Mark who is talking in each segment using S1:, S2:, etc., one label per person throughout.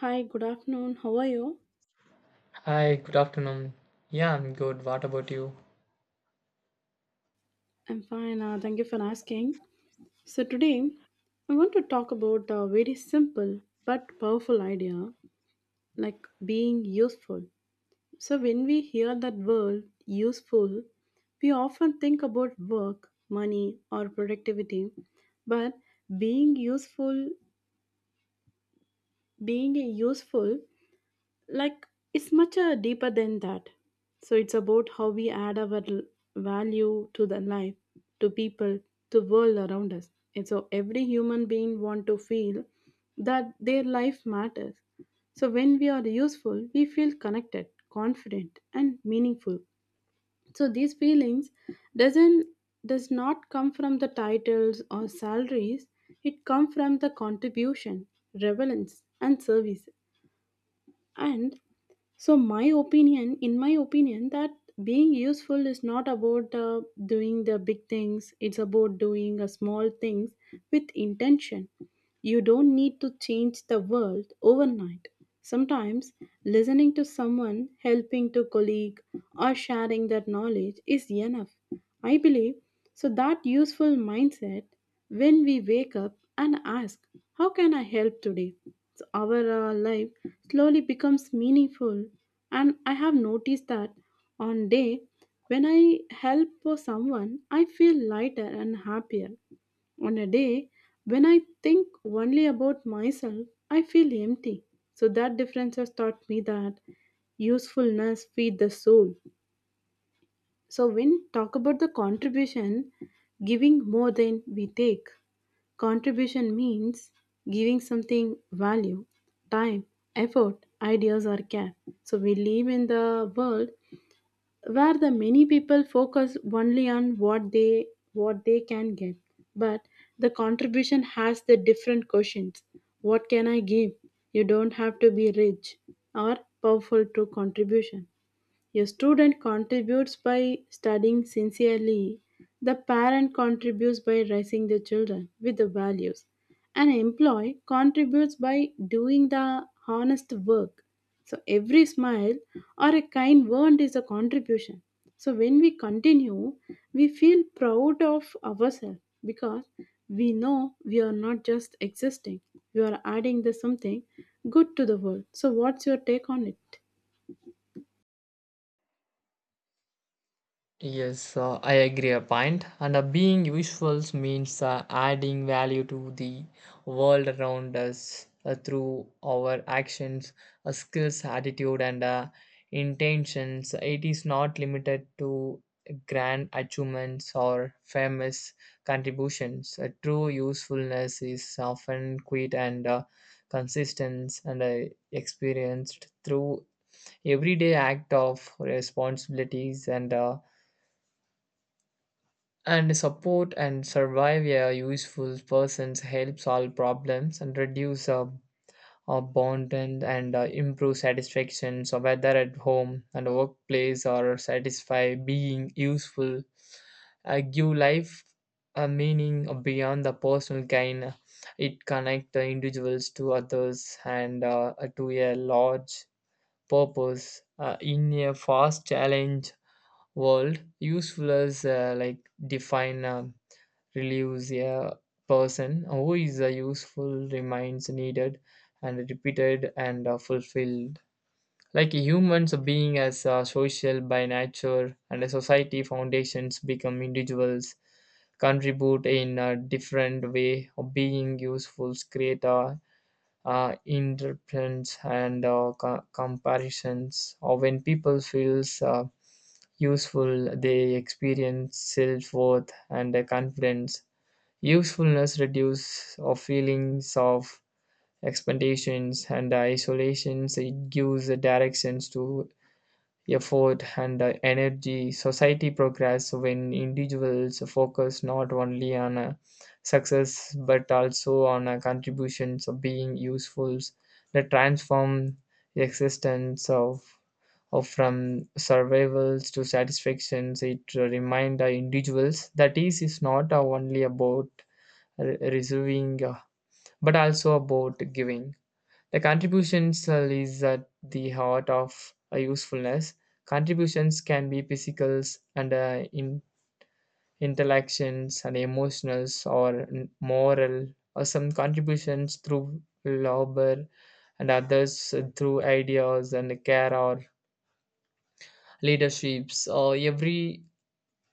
S1: Hi, good afternoon. How are you?
S2: Hi, good afternoon. Yeah, I'm good. What about you?
S1: I'm fine. Thank you for asking. So, today I want to talk about a very simple but powerful idea like being useful. So, when we hear that word useful, we often think about work, money, or productivity. But being useful, being a useful like it's much deeper than that, so it's about how we add our value to the life, to people, to world around us. And so every human being want to feel that their life matters. So when we are useful, we feel connected, confident and meaningful. So these feelings doesn't does not come from the titles or salaries, it come from the contribution, relevance and service. And so my opinion in my opinion that being useful is not about doing the big things, it's about doing a small things with intention. You don't need to change the world overnight. Sometimes listening to someone, helping to colleague, or sharing that knowledge is enough, I believe. So that useful mindset, when we wake up and ask, how can I help today? So our life slowly becomes meaningful, and I have noticed that on day when I help for someone, I feel lighter and happier. On a day when I think only about myself, I feel empty. So that difference has taught me that usefulness feed the soul. So when talk about the contribution, giving more than we take. Contribution means giving something value, time, effort, ideas or care. So we live in the world where the many people focus only on what they can get. But the contribution has the different questions. What can I give? You don't have to be rich or powerful to contribution. A student contributes by studying sincerely. The parent contributes by raising the children with the values. An employee contributes by doing the honest work. So every smile or a kind word is a contribution. So when we continue, we feel proud of ourselves because we know we are not just existing, we are adding the something good to the world. So what's your take on it?
S2: Yes, I agree a point. And being useful means adding value to the world around us through our actions, skills, attitude, and intentions. It is not limited to grand achievements or famous contributions. True usefulness is often quiet and consistent and experienced through everyday act of responsibilities and and support and survive a useful persons help solve problems and reduce abandon and improve satisfaction, so whether at home and workplace or satisfy being useful give life a meaning beyond the personal gain. It connect the individuals to others and to a large purpose in a fast challenge world useful as like define relieves a person who is a useful remains needed and repeated and fulfilled like humans being as social by nature and a society foundations become individuals contribute in a different way of being useful create a interprets and comparisons or when people feels useful, they experience self worth and a confidence. Usefulness reduces our feelings of expectations and isolations. It gives a directions to effort and energy. Society progress when individuals focus not only on success but also on contributions of being useful. They transform the existence of or from survivals to satisfactions. It remind the individuals that ease is not only about receiving but also about giving. The contributions is at the heart of usefulness. Contributions can be physical and in intellections and emotionals or moral or some contributions through labor and others through ideas and care or leaderships or every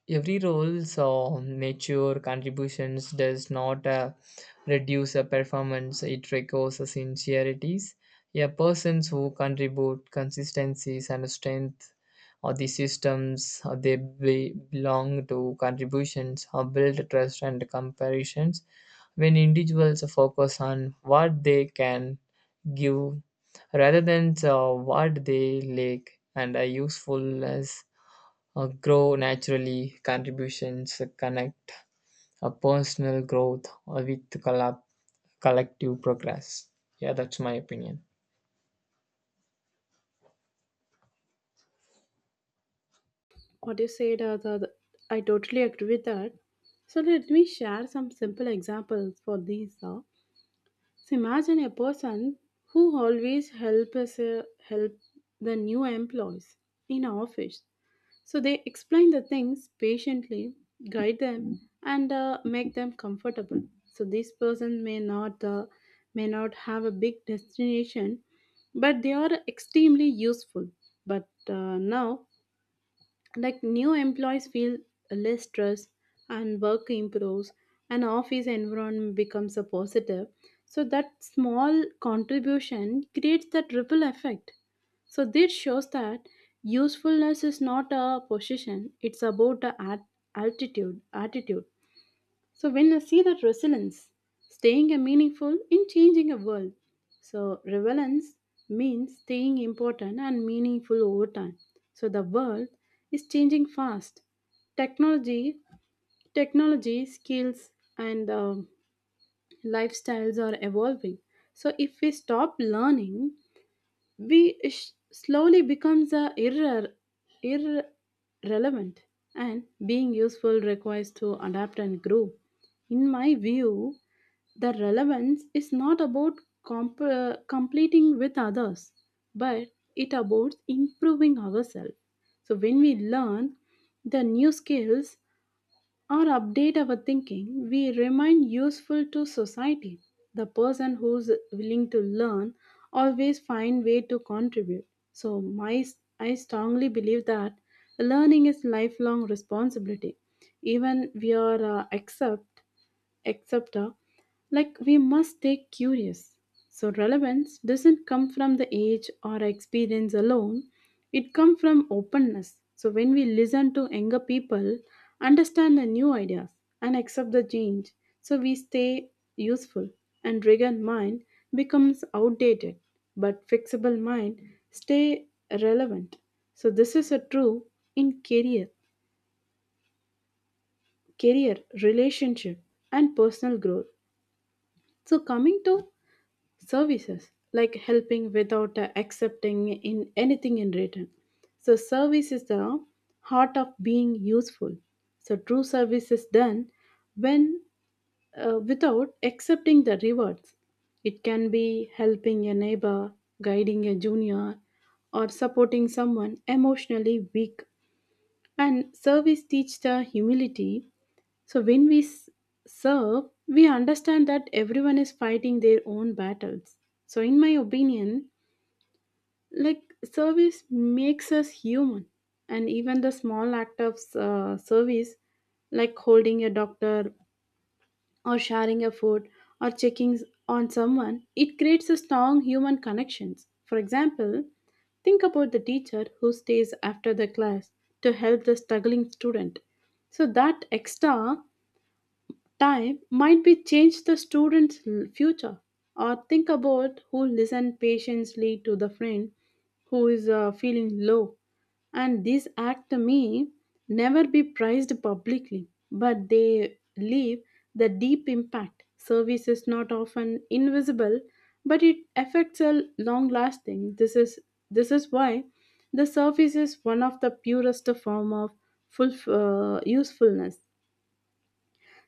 S2: Every role's or mature contributions does not reduce a performance, it requires a sincerities. A persons who contribute consistencies and strength or the systems they belong to contributions or build trust and comparisons. When individuals focus on what they can give rather than what they lack and are usefulness grow naturally, contributions connect a personal growth with collective progress. Yeah, that's my opinion.
S1: What you said I totally agree with that. So let me share some simple examples for these. So imagine a person who always help the new employees in our office. So they explain the things patiently, guide them, and make them comfortable. So this person may not have a big destination, but they are extremely useful. But now, like, new employees feel less stress, and work improves, and office environment becomes a positive. So that small contribution creates that ripple effect. So this shows that usefulness is not a position, it's about the at- altitude attitude. So when I see that resilience, staying a meaningful in changing a world. So relevance means staying important and meaningful over time. So the world is changing fast. Technology, technology, skills, and lifestyles are evolving. So if we stop learning, slowly becomes a irrelevant, and being useful requires to adapt and grow. In my view, the relevance is not about completing with others, but it about improving ourselves. So when we learn the new skills or update our thinking, we remain useful to society. The person who's willing to learn always find way to contribute. So my I strongly believe that learning is lifelong responsibility. Even we are accept etc. Like we must stay curious. So relevance doesn't come from the age or experience alone. It comes from openness. So when we listen to younger people, understand the new ideas and accept the change, so we stay useful, and rigid mind becomes outdated, but fixable mind stay relevant. So this is a true in career, relationship, and personal growth. So coming to services, like helping without accepting in anything in return. So service is the heart of being useful. So true service is done when, without accepting the rewards. It can be helping a neighbor, guiding a junior, or supporting someone emotionally weak. And service teaches the humility. So when we serve, we understand that everyone is fighting their own battles. So in my opinion, like, service makes us human, and even the small act of service, like holding a doctor, or sharing a food, or checking on someone, it creates a strong human connections. For example, think about the teacher who stays after the class to help the struggling student. So that extra time might be change the student's future. Or think about who listen patiently to the friend who is feeling low, and this act to me never be prized publicly, but they leave the deep impact. Service is not often invisible, but it affects a long lasting. This is why the service is one of the purest form of full usefulness.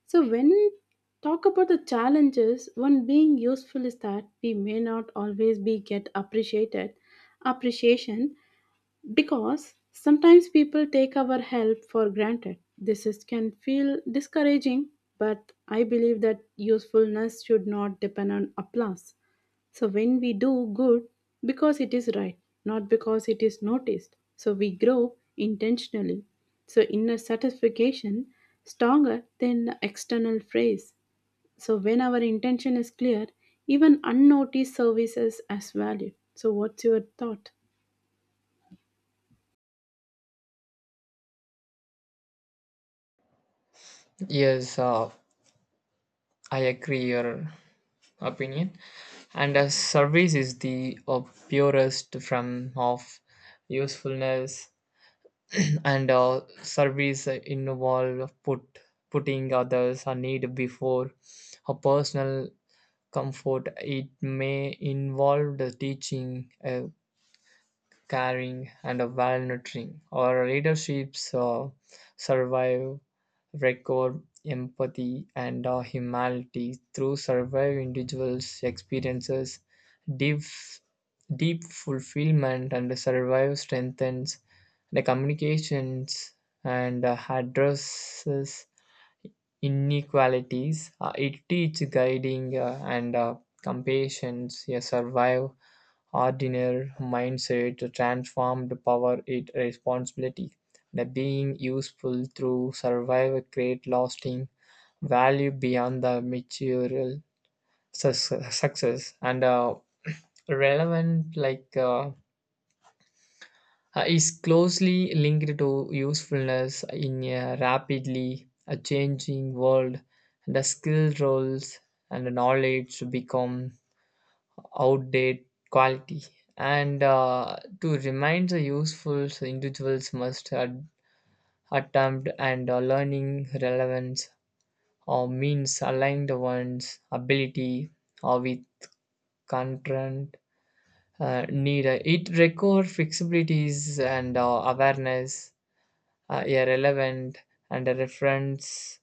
S1: So when talk about the challenges, one being useful is that we may not always be get appreciated appreciation, because sometimes people take our help for granted. This is, can feel discouraging, but I believe that usefulness should not depend on applause. So when we do good because it is right, not because it is noticed, so we grow intentionally. So inner satisfaction stronger than external praise. So when our intention is clear, even unnoticed services as value. So what's your thought?
S2: Yes, I agree your opinion. And a service is the purest form of usefulness, and service involve putting others' a need before a personal comfort. It may involve the teaching, caring, and a well-nurturing. Our leaderships survive, record empathy and humanity through survive individuals' experiences, deep, deep fulfillment, and survive strengthens the communications and addresses inequalities. It teaches guiding and compassion. Yeah, survive ordinary mindset transformed power into responsibility, the being useful through survival create lasting value beyond the material success. And relevant like is closely linked to usefulness in a rapidly changing world. The skill roles and the knowledge become outdated quality and to remain the useful, so individuals must attempt and learning relevance or means aligned one's ability or with content need. It require flexibilities and awareness a relevant and a reference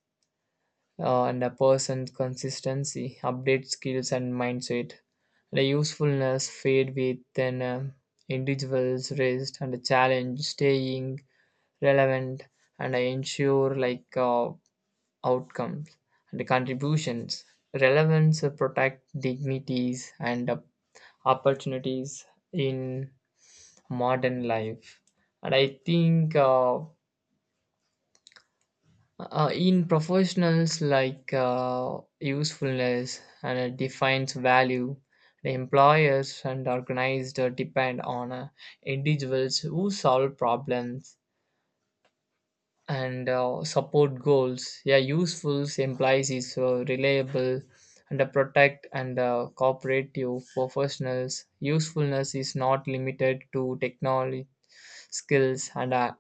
S2: and a person's consistency, update skills and mindset. The usefulness fade with an individual's rest and the challenge staying relevant and ensure like outcomes and the contributions. Relevance protect dignities and opportunities in modern life. And I think in professionals like usefulness and it defines value, the employers and organized depend on individuals who solve problems and support goals. Yeah, useful implies is reliable and protect and cooperative professionals. Usefulness is not limited to technology skills and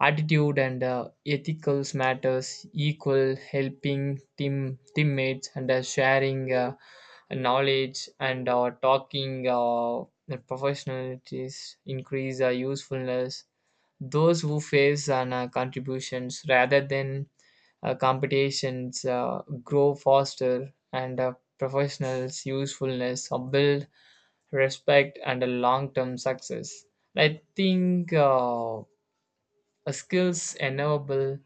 S2: attitude and ethical matters. Equal helping teammates and sharing knowledge and talking professionalities increase usefulness. Those who face on contributions rather than competitions grow faster and professionals usefulness build respect and a long-term success. I think a skills enable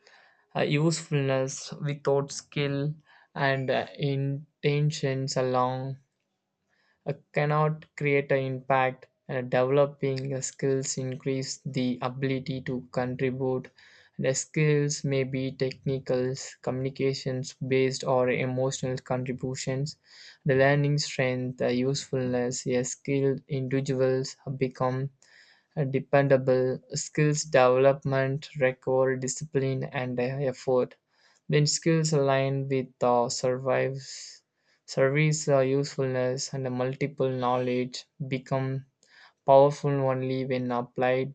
S2: usefulness without skill and intentions along cannot create an impact, and developing skills increase the ability to contribute. The skills may be technical, communications based or emotional contributions. The learning strength the usefulness a skilled individuals become dependable. Skills development require discipline and effort. When skills align with the survives, service usefulness and the multiple knowledge become powerful only when applied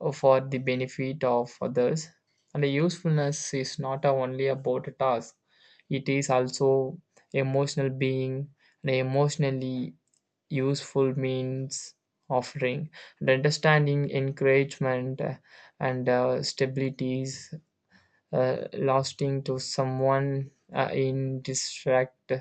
S2: for the benefit of others. And the usefulness is not only about a task, it is also emotional being. And emotionally useful means offering and understanding encouragement and stabilities lasting to someone in distract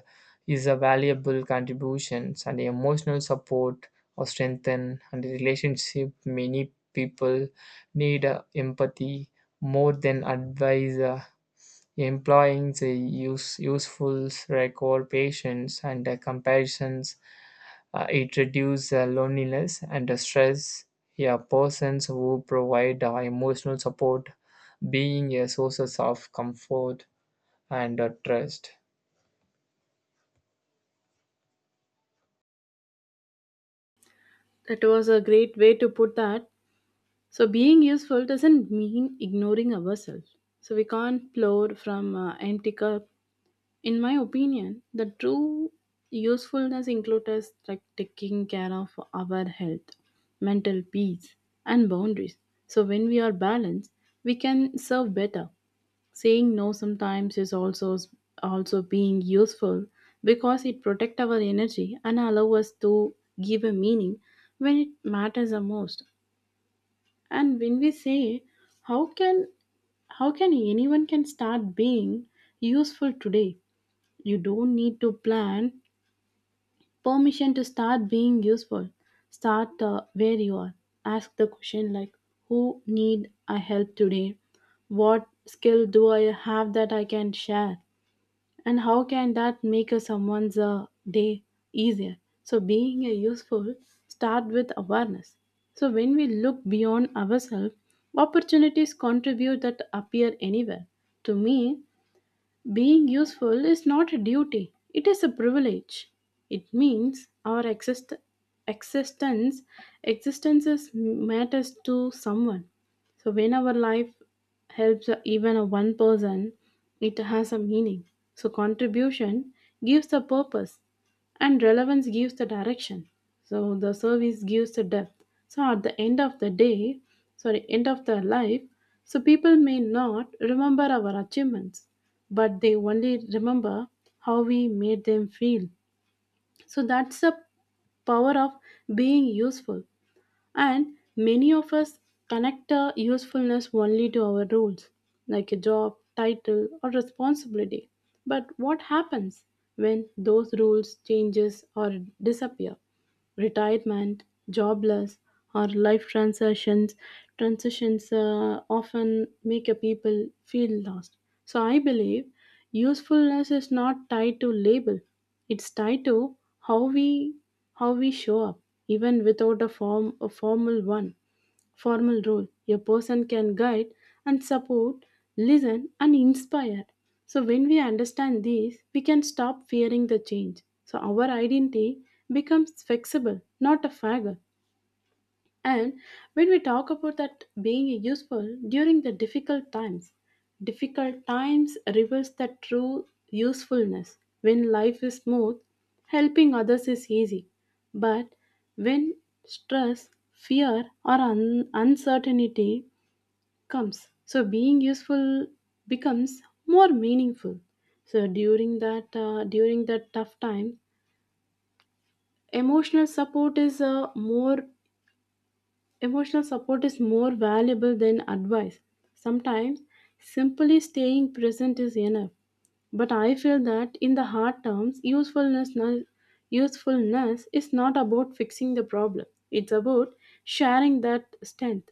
S2: is a valuable contributions, and emotional support or strengthen and the relationship. Many people need empathy more than advice. Employing useful record patience and comparisons. It reduces loneliness and stress. Yeah, persons who provide emotional support, being a sources of comfort and trust.
S1: That was a great way to put that. So, being useful doesn't mean ignoring ourselves. So, we can't pour from empty cup. In my opinion, the true usefulness includes, like, taking care of our health, mental peace, and boundaries. So, when we are balanced, we can serve better. Saying no sometimes is also being useful, because it protects our energy and allow us to give a meaning when it matters the most. And when we say how can how can anyone can start being useful today? You don't need to plan permission to start being useful. Start where you are. Ask the question like, who need I help today? What skill do I have that I can share? And how can that make a someone's day easier? So being a useful start with awareness. So when we look beyond ourselves, opportunities contribute that appear anywhere. To me, being useful is not a duty, it is a privilege. It means our existence existences matters to someone. So when our life helps even a one person, it has a meaning. So contribution gives the purpose, and relevance gives the direction. So the service gives the depth. So at the end of the day, sorry, end of the life, so people may not remember our achievements, but they only remember how we made them feel. So that's the power of being useful. And many of us connect usefulness only to our roles, like a job, title, or responsibility. But what happens when those rules changes or disappear? Retirement, jobless, or life transitions, often make a people feel lost. So I believe usefulness is not tied to label; it's tied to how we how we show up, even without a formal role. A person can guide and support, listen and inspire. So when we understand this, we can stop fearing the change. So our identity becomes flexible, not a faggot. And when we talk about that being useful during the difficult times reveals the true usefulness. When life is smooth, helping others is easy. But when stress, fear, or uncertainty comes, so being useful becomes more meaningful. So during that tough time, emotional support is uh, more Emotional support is more valuable than advice. Sometimes, simply staying present is enough. But I feel that in the hard terms, usefulness is not about fixing the problem, it's about sharing that strength.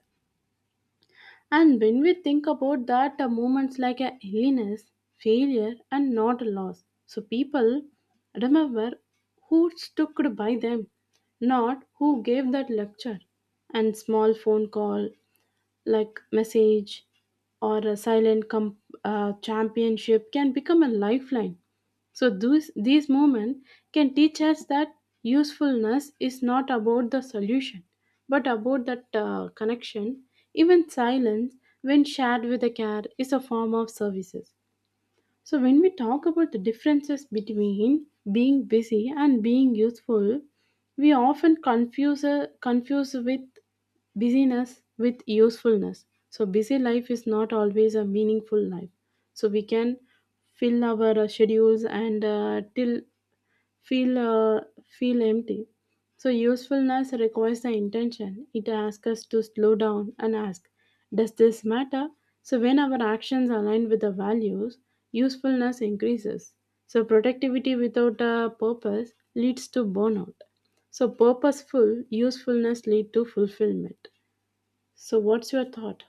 S1: And when we think about that, moments like a illness, failure, and not a loss. So people remember who stuck by them, not who gave that lecture. And small phone call, like message, or a silent championship can become a lifeline. So these moments can teach us that usefulness is not about the solution, but about that connection. Even silence, when shared with a care, is a form of services. So, when we talk about the differences between being busy and being useful, we often confuse with busyness with usefulness. So, busy life is not always a meaningful life. So, we can fill our schedules and till feel empty. So usefulness requires the intention. It asks us to slow down and ask, does this matter? So when our actions align with the values, usefulness increases. So productivity without a purpose leads to burnout. So purposeful usefulness lead to fulfillment. So what's your thought?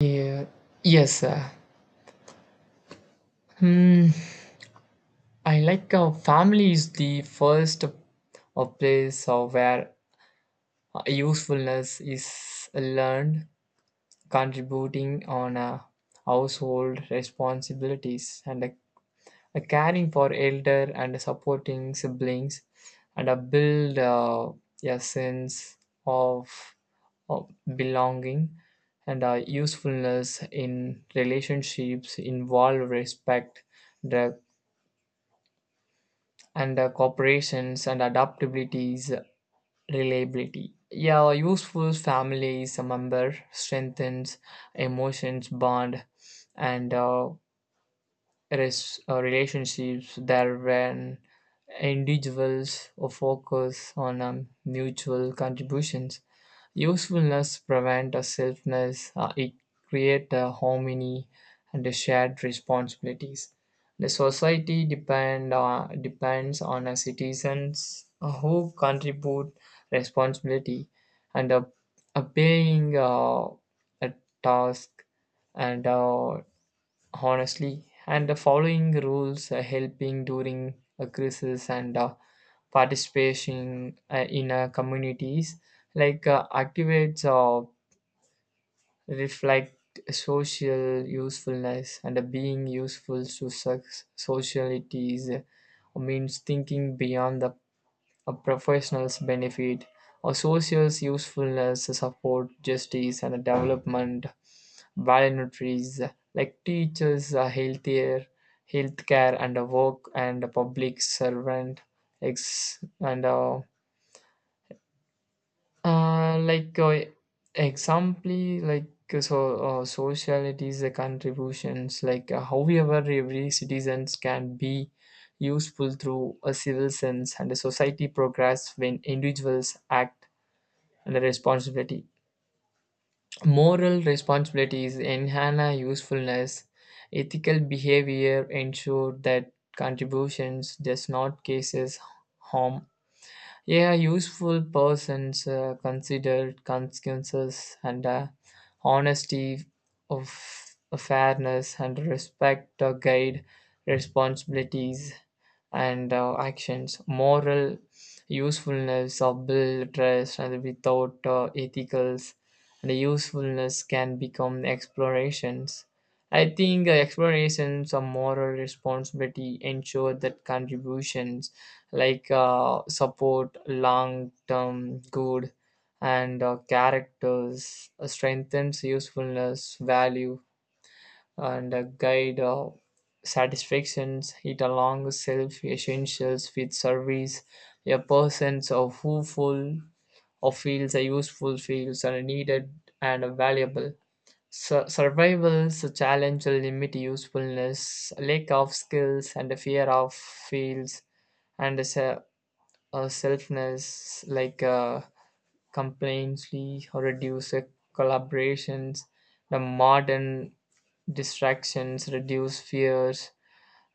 S2: Yeah. Yes, hmm, I like family is the first place where usefulness is learned, contributing on household responsibilities and a caring for elder and supporting siblings and a build a sense of, of belonging, and a usefulness in relationships involve respect the, and the cooperations and adaptabilities reliability. Yeah, a useful family member strengthens emotions bond and relationships there when individuals focus on mutual contributions. Usefulness prevents a selfness, it creates a harmony and a shared responsibilities. The society depends on a citizens who contribute responsibility and paying a task and honestly and the following rules helping during a crisis and participation in communities like activates or reflect social usefulness. And being useful to societies means thinking beyond the a professional's benefit or social's usefulness support justice and development voluntries like teachers, healthcare, and work and public servant, ex- and like example, like so socialities, the contributions, like however every citizens can be useful through a civil sense, and a society progress when individuals act and responsibility. Moral responsibilities enhance usefulness. Ethical behavior ensure that contributions does not causes harm. A useful persons consider consequences and honesty of fairness and respect to guide responsibilities and actions. Moral usefulness of build trust, and without ethicals, the usefulness can become explorations. I think explorations of moral responsibility ensure that contributions like support long-term good, and characters strengthens usefulness value and a guide of satisfactions it along self essentials with service. A person so who full of feels are useful feels are needed and are valuable. Survival's challenge will limit usefulness, lack of skills and the fear of fields and a selfness like complaintsly or reduce collaborations. The modern distractions, reduce fears,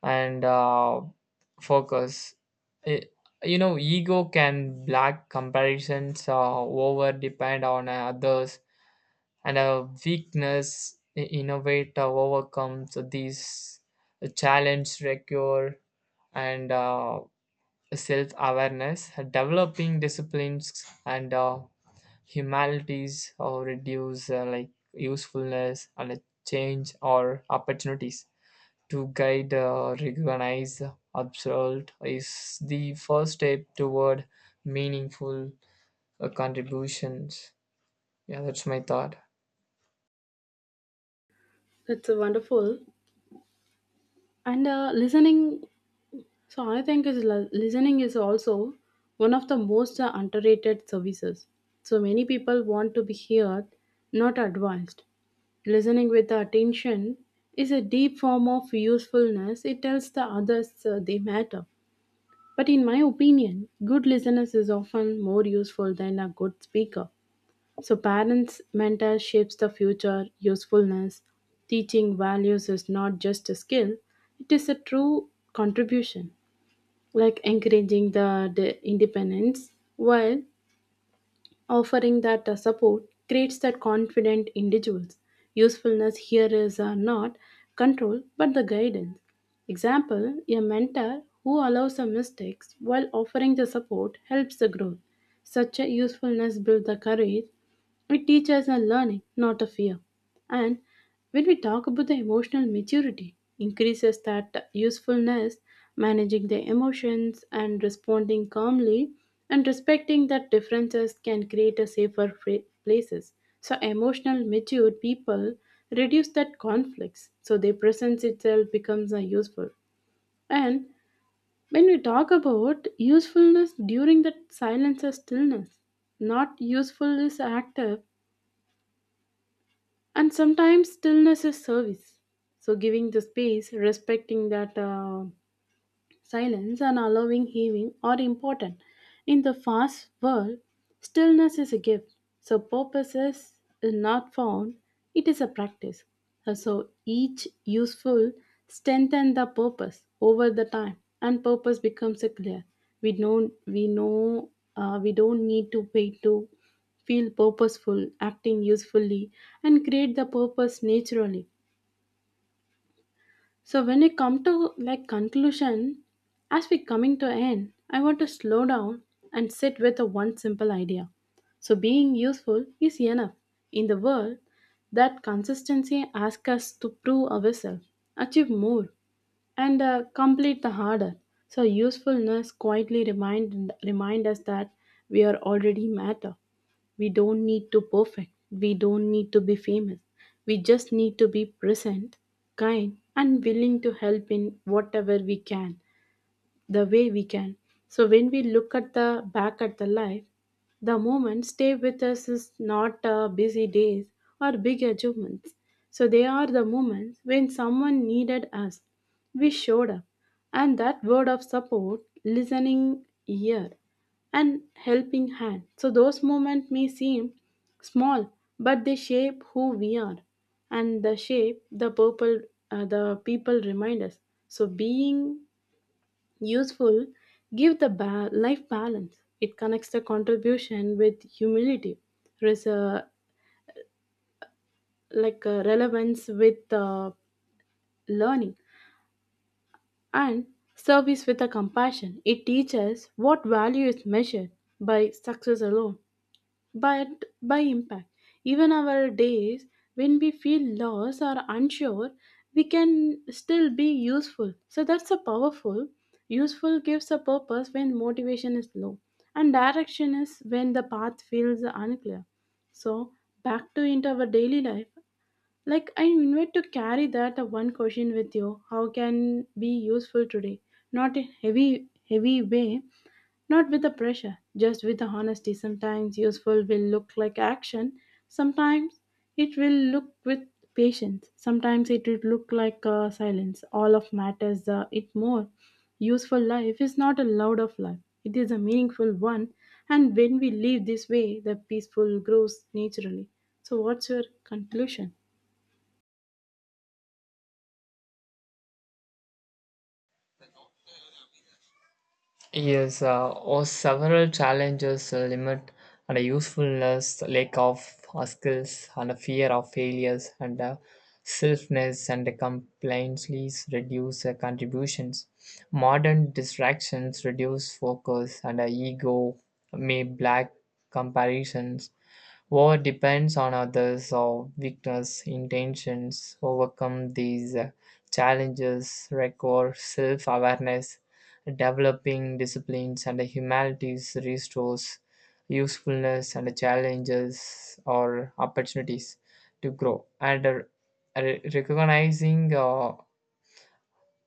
S2: and focus. I- you know, ego can black comparisons, over depend on others, and a weakness innovate overcomes these challenge recure and self awareness. Developing disciplines and humanities or reduce like usefulness and change or opportunities to guide, recognize, observe is the first step toward meaningful contributions. Yeah, that's my thought.
S1: That's a wonderful. And listening. So I think is listening is also one of the most underrated services. So many people want to be heard, not advised. Listening with attention is a deep form of usefulness. It tells the others they matter. But in my opinion, good listeners is often more useful than a good speaker. So parents mentor shapes the future usefulness. Teaching values is not just a skill, it is a true contribution, like encouraging the independence while offering that support creates that confident individuals. Usefulness here is not control but the guidance. Example, a mentor who allows the mistakes while offering the support helps the growth. Such a usefulness builds the courage. It teaches a learning, not a fear. And when we talk about the emotional maturity, increases that usefulness, managing the emotions and responding calmly and respecting that differences can create a safer places. So emotional mature people reduce that conflicts. So their presence itself becomes a useful. And when we talk about usefulness during that silence or stillness, not useful is active, and sometimes stillness is service. So giving the space, respecting that silence and allowing healing are important. In the fast world, stillness is a gift. So purpose is not found, it is a practice. So each useful strengthen the purpose over the time, and purpose becomes a clear. We know we don't need to wait to feel purposeful, acting usefully, and create the purpose naturally. So when we come to like conclusion, as we coming to end, I want to slow down and sit with a one simple idea. So being useful is enough in the world that consistency asks us to prove ourselves, achieve more, and complete the harder. So usefulness quietly remind us that we are already matter. We don't need to perfect. We don't need to be famous. We just need to be present, kind, and willing to help in whatever we can the way we can. So when we look at the back at the life, the moments stay with us is not busy days or big achievements. So they are the moments when someone needed us. We showed up, and that word of support, listening ear, and helping hand. So those moments may seem small, but they shape who we are, and the shape the purple the people remind us. So being useful, give the life balance. It connects the contribution with humility, res- uh, relevance with learning, and service with a compassion. It teaches what value is measured by success alone, but by impact. Even our days when we feel lost or unsure, we can still be useful. So that's a powerful. Useful gives a purpose when motivation is low, and direction is when the path feels unclear. So back to into our daily life. Like I invite to carry that one question with you. How can be useful today? Not in heavy way, not with the pressure, just with the honesty. Sometimes useful will look like action, sometimes it will look with patience, sometimes it will look like silence. All of matters it more. Useful life is not a loud of life, it is a meaningful one. And when we live this way, the peaceful grows naturally. So, what's your conclusion?
S2: Yes, or several challenges limit and a usefulness, lack of skills, and a fear of failures, and selfness and the complaints leads reduce contributions. Modern distractions reduce focus, and ego may black comparisons. War depends on others' or weakness intentions overcome these challenges require self-awareness, developing disciplines and humanities restores usefulness and challenges or opportunities to grow. And recognizing uh,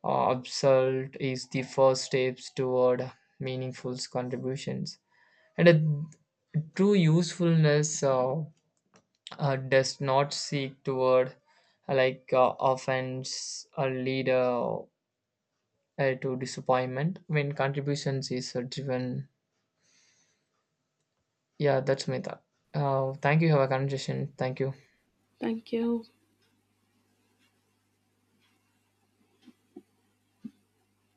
S2: uh, absolute is the first steps toward meaningful contributions. And true usefulness does not seek toward like offense or lead to disappointment when contributions is driven. Yeah, that's my thought. Thank you. Have a conversation. Thank you.
S1: Thank you.